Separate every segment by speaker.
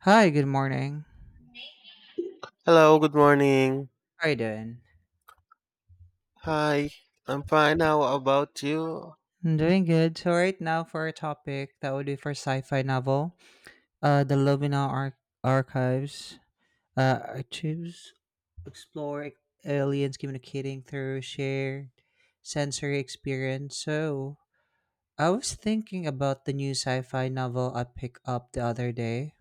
Speaker 1: Hi, good morning.
Speaker 2: Hello, good morning.
Speaker 1: How are you doing?
Speaker 2: Hi, I'm fine. How about you?
Speaker 1: I'm doing good. So right now for our topic, that would be for sci-fi novel. Uh, the Lumina Ar- Archives. Uh, archives explore aliens communicating through shared sensory experience. So I was thinking about the new sci-fi novel I picked up the other day.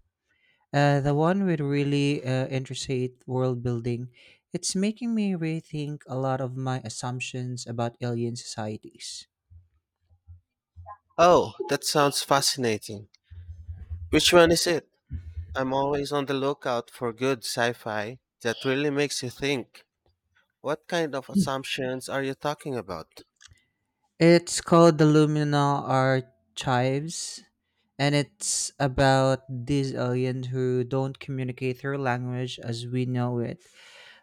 Speaker 1: The one with really intricate world building. It's making me rethink a lot of my assumptions about alien societies.
Speaker 2: Oh, that sounds fascinating. Which one is it? I'm always on the lookout for good sci fi that really makes you think. What kind of assumptions are you talking about?
Speaker 1: It's called the Luminal Archives, and it's about these aliens who don't communicate through language as we know it,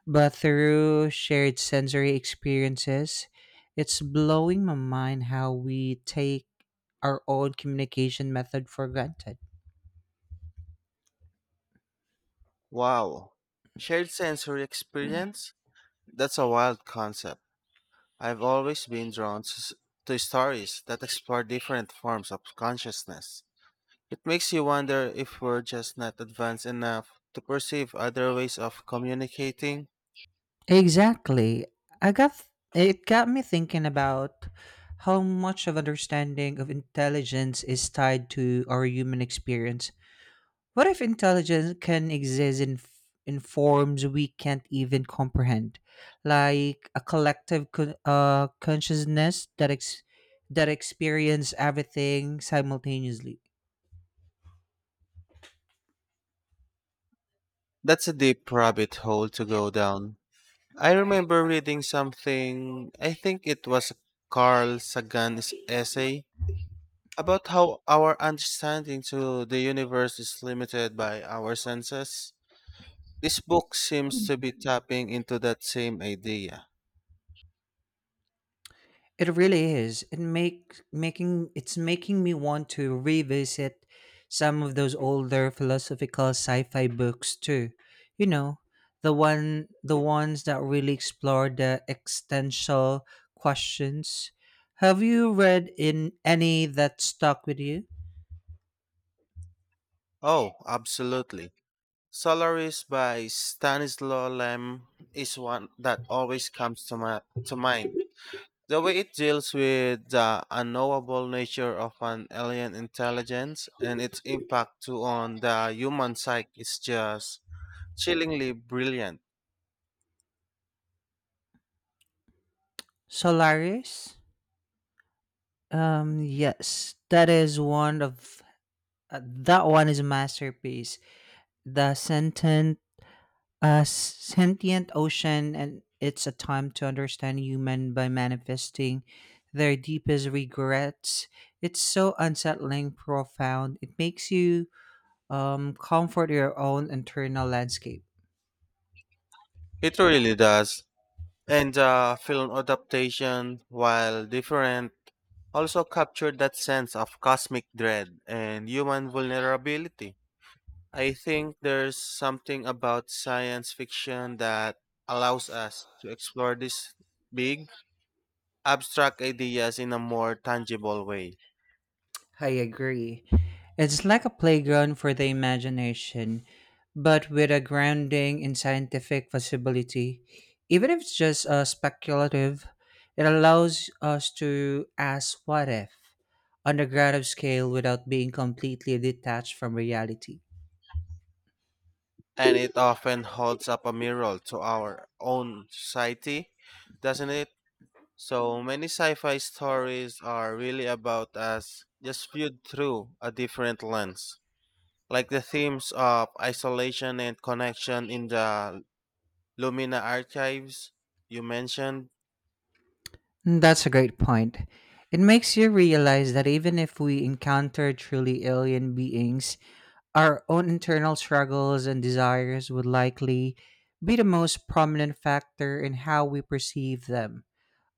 Speaker 1: but through shared sensory experiences. It's blowing my mind how we take our own communication method for granted.
Speaker 2: Wow. Shared sensory experience? That's a wild concept. I've always been drawn to stories that explore different forms of consciousness. It makes you wonder if we're just not advanced enough to perceive other ways of communicating.
Speaker 1: Exactly. I got it got me thinking about how much of understanding of intelligence is tied to our human experience. What if intelligence can exist in forms we can't even comprehend, like a collective consciousness that experience everything simultaneously?
Speaker 2: That's a deep rabbit hole to go down. I remember reading something, I think it was Carl Sagan's essay, about how our understanding to the universe is limited by our senses. This book seems to be tapping into that same idea.
Speaker 1: It really is. It's making me want to revisit some of those older philosophical sci-fi books too. You know, the ones that really explore the existential questions. Have you read in any that stuck with you?
Speaker 2: Oh, absolutely. Solaris by Stanislaw Lem is one that always comes to mind. The way it deals with the unknowable nature of an alien intelligence and its impact to on the human psyche is just chillingly brilliant.
Speaker 1: Solaris? Yes, that is one of that one is a masterpiece. The sentence A sentient ocean, and it's a time to understand human by manifesting their deepest regrets. It's so unsettling, profound. It makes you comfort your own internal landscape.
Speaker 2: It really does. And the film adaptation, while different, also captured that sense of cosmic dread and human vulnerability. I think there's something about science fiction that allows us to explore these big, abstract ideas in a more tangible way.
Speaker 1: I agree. It's like a playground for the imagination, but with a grounding in scientific possibility. Even if it's just speculative, it allows us to ask what if on a ground scale without being completely detached from reality.
Speaker 2: And it often holds up a mirror to our own society, doesn't it? So many sci fi stories are really about us just viewed through a different lens. Like the themes of isolation and connection in the Lumina archives you mentioned.
Speaker 1: That's a great point. It makes you realize that even if we encounter truly alien beings, our own internal struggles and desires would likely be the most prominent factor in how we perceive them.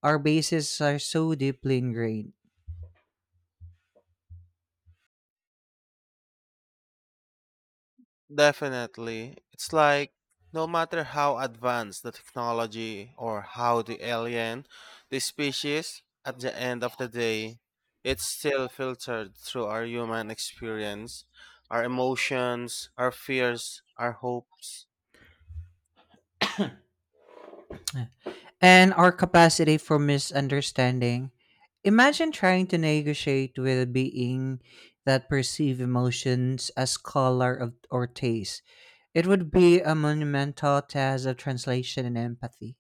Speaker 1: Our bases are so deeply ingrained,
Speaker 2: Definitely. It's like no matter how advanced the technology or how the alien, the species, at the end of the day, it's still filtered through our human experience, our emotions, our fears, our hopes.
Speaker 1: and our capacity for misunderstanding. Imagine trying to negotiate with a being that perceive emotions as color of, or taste. It would be a monumental task of translation and empathy.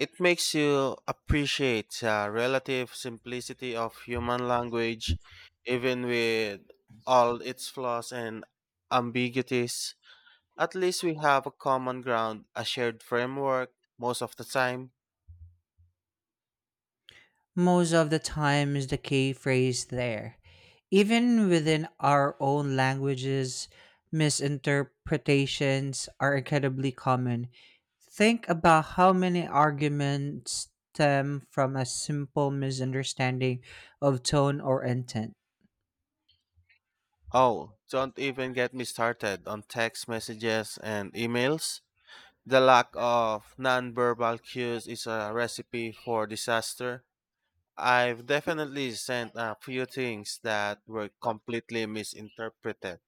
Speaker 2: It makes you appreciate the relative simplicity of human language, even with all its flaws and ambiguities. At least we have a common ground, a shared framework most of the time.
Speaker 1: Most of the time is the key phrase there. Even within our own languages, misinterpretations are incredibly common. Think about how many arguments stem from a simple misunderstanding of tone or intent.
Speaker 2: Oh, don't even get me started on text messages and emails. The lack of nonverbal cues is a recipe for disaster. I've definitely sent a few things that were completely misinterpreted.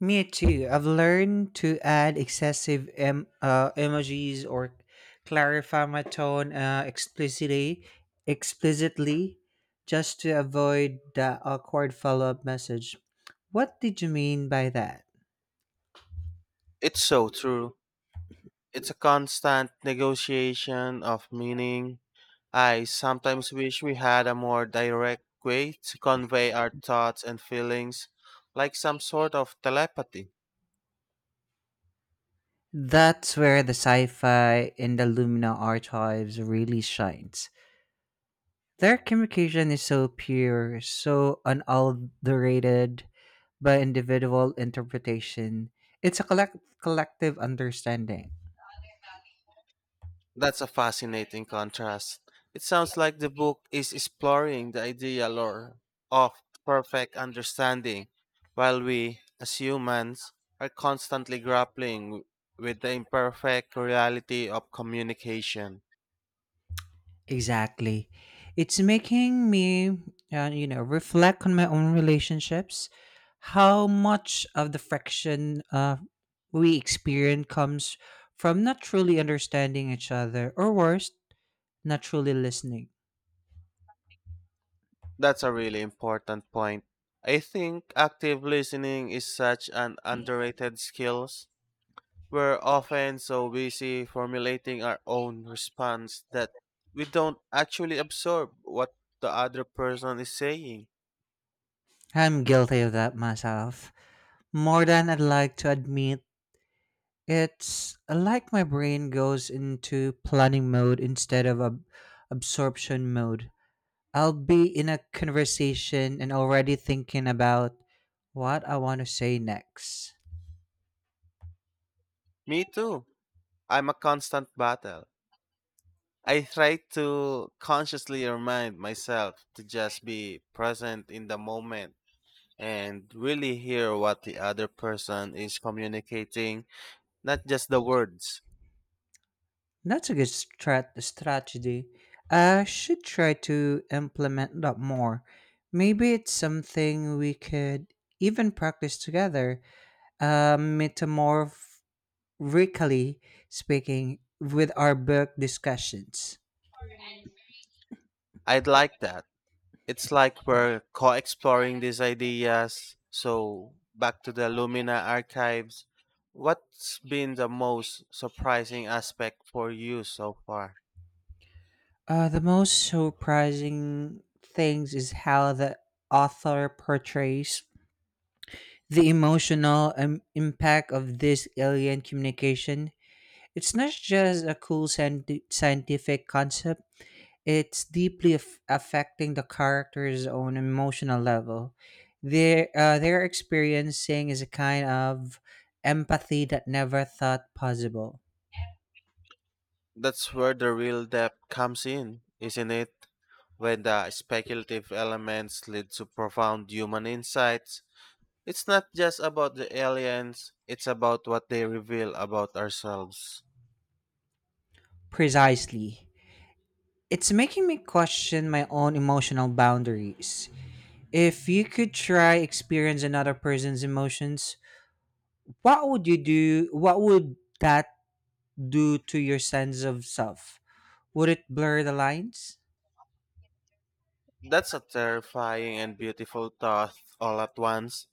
Speaker 1: Me too. I've learned to add excessive emojis or clarify my tone explicitly, just to avoid the awkward follow-up message. What did you mean by that?
Speaker 2: It's so true. It's a constant negotiation of meaning. I sometimes wish we had a more direct way to convey our thoughts and feelings, like some sort of telepathy.
Speaker 1: That's where the sci-fi in the Lumina archives really shines. Their communication is so pure, so unadulterated by individual interpretation. It's a collective understanding.
Speaker 2: That's a fascinating contrast. It sounds like the book is exploring the ideal or of perfect understanding, while we, as humans, are constantly grappling with the imperfect reality of communication.
Speaker 1: Exactly. It's making me reflect on my own relationships, how much of the friction we experience comes from not truly understanding each other, or worse, not truly listening.
Speaker 2: That's a really important point. I think active listening is such an underrated skill. We're often so busy formulating our own response that we don't actually absorb what the other person is saying.
Speaker 1: I'm guilty of that myself. More than I'd like to admit, it's like my brain goes into planning mode instead of absorption mode. I'll be in a conversation and already thinking about what I want to say next.
Speaker 2: Me too. I'm a constant battle. I try to consciously remind myself to just be present in the moment and really hear what the other person is communicating, not just the words.
Speaker 1: That's a good strategy. I should try to implement that more. Maybe it's something we could even practice together, metamorphically speaking, with our book discussions.
Speaker 2: I'd like that. It's like we're co exploring these ideas. So, back to the Lumina archives. What's been the most surprising aspect for you so far?
Speaker 1: The most surprising things is how the author portrays the emotional impact of this alien communication. It's not just a cool scientific concept. It's deeply affecting the character's own emotional level. Their experiencing is a kind of empathy that never thought possible.
Speaker 2: That's where the real depth comes in, isn't it? When the speculative elements lead to profound human insights. It's not just about the aliens, it's about what they reveal about ourselves.
Speaker 1: Precisely. It's making me question my own emotional boundaries. If you could try experience another person's emotions, what would you do? What would that do to your sense of self? Would it blur the lines?
Speaker 2: That's a terrifying and beautiful thought all at once.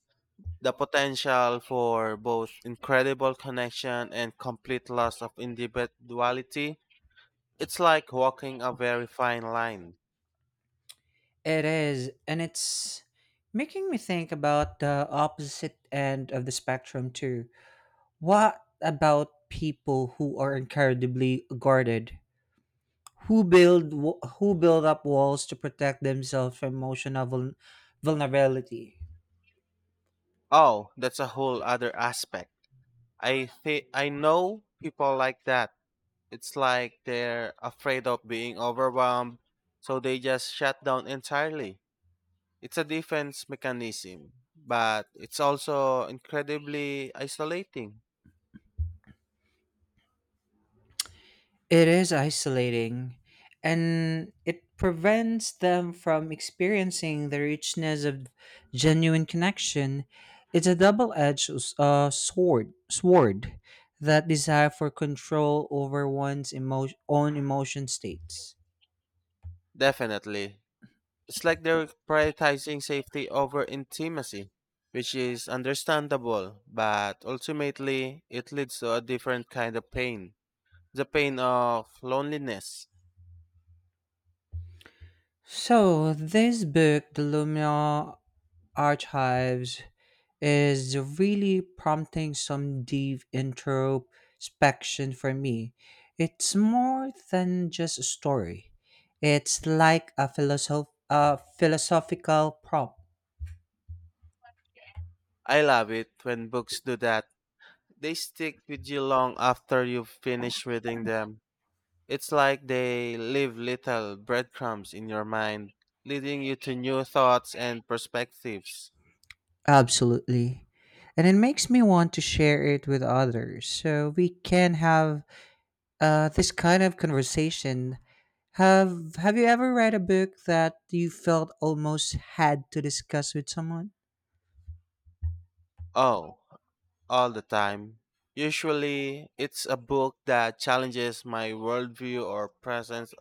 Speaker 2: The potential for both incredible connection and complete loss of individuality. It's like walking a very fine line.
Speaker 1: It is, and it's making me think about the opposite end of the spectrum too. What about people who are incredibly guarded, who build up walls to protect themselves from emotional vulnerability?
Speaker 2: Oh, that's a whole other aspect. I think I know people like that. It's like they're afraid of being overwhelmed, so they just shut down entirely. It's a defense mechanism, but it's also incredibly isolating.
Speaker 1: It is isolating, and it prevents them from experiencing the richness of genuine connection. It's a double-edged sword, that desire for control over one's own emotion states.
Speaker 2: Definitely. It's like they're prioritizing safety over intimacy, which is understandable, but ultimately it leads to a different kind of pain, the pain of loneliness.
Speaker 1: So, this book, the Lumia archives, is really prompting some deep introspection for me. It's more than just a story. It's like a philosophical prompt.
Speaker 2: I love it when books do that. They stick with you long after you finish reading them. It's like they leave little breadcrumbs in your mind, leading you to new thoughts and perspectives.
Speaker 1: Absolutely. And it makes me want to share it with others so we can have this kind of conversation. Have you ever read a book that you felt almost had to discuss with someone?
Speaker 2: Oh, all the time. Usually, it's a book that challenges my worldview or presents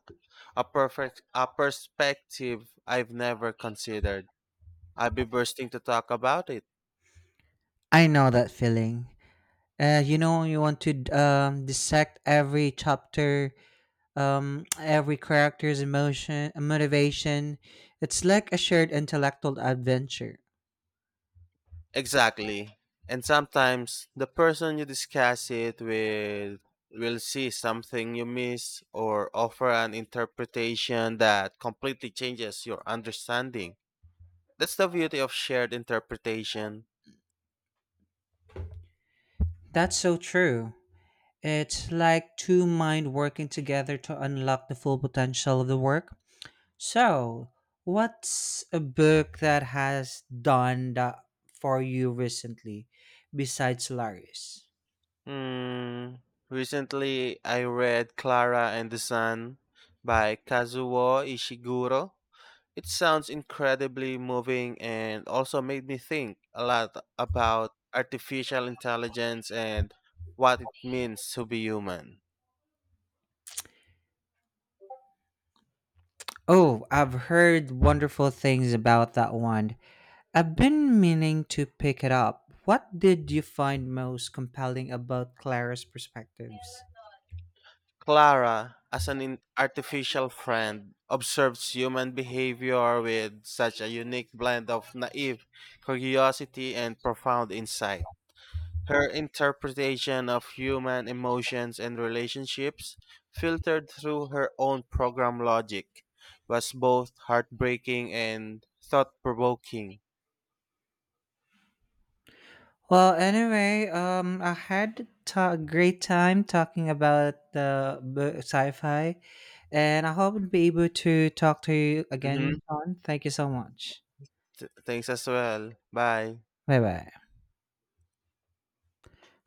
Speaker 2: a perspective I've never considered. I'd be bursting to talk about it.
Speaker 1: I know that feeling. You know, you want to dissect every chapter, every character's emotion, motivation. It's like a shared intellectual adventure.
Speaker 2: Exactly. And sometimes the person you discuss it with will see something you miss or offer an interpretation that completely changes your understanding. That's the beauty of shared interpretation.
Speaker 1: That's so true. It's like two minds working together to unlock the full potential of the work. So, what's a book that has done that for you recently, besides Solaris?
Speaker 2: Mm, recently, I read Clara and the Sun by Kazuo Ishiguro. It sounds incredibly moving and also made me think a lot about artificial intelligence and what it means to be human.
Speaker 1: Oh, I've heard wonderful things about that one. I've been meaning to pick it up. What did you find most compelling about Clara's perspectives?
Speaker 2: Clara, as an artificial friend, observes human behavior with such a unique blend of naive curiosity and profound insight. Her interpretation of human emotions and relationships, filtered through her own program logic, was both heartbreaking and thought provoking.
Speaker 1: Well, anyway, I had a great time talking about the sci-fi, and I hope to be able to talk to you
Speaker 2: Mm-hmm.
Speaker 1: again, John. Thank you so much.
Speaker 2: Thanks as well. Bye.
Speaker 1: Bye bye.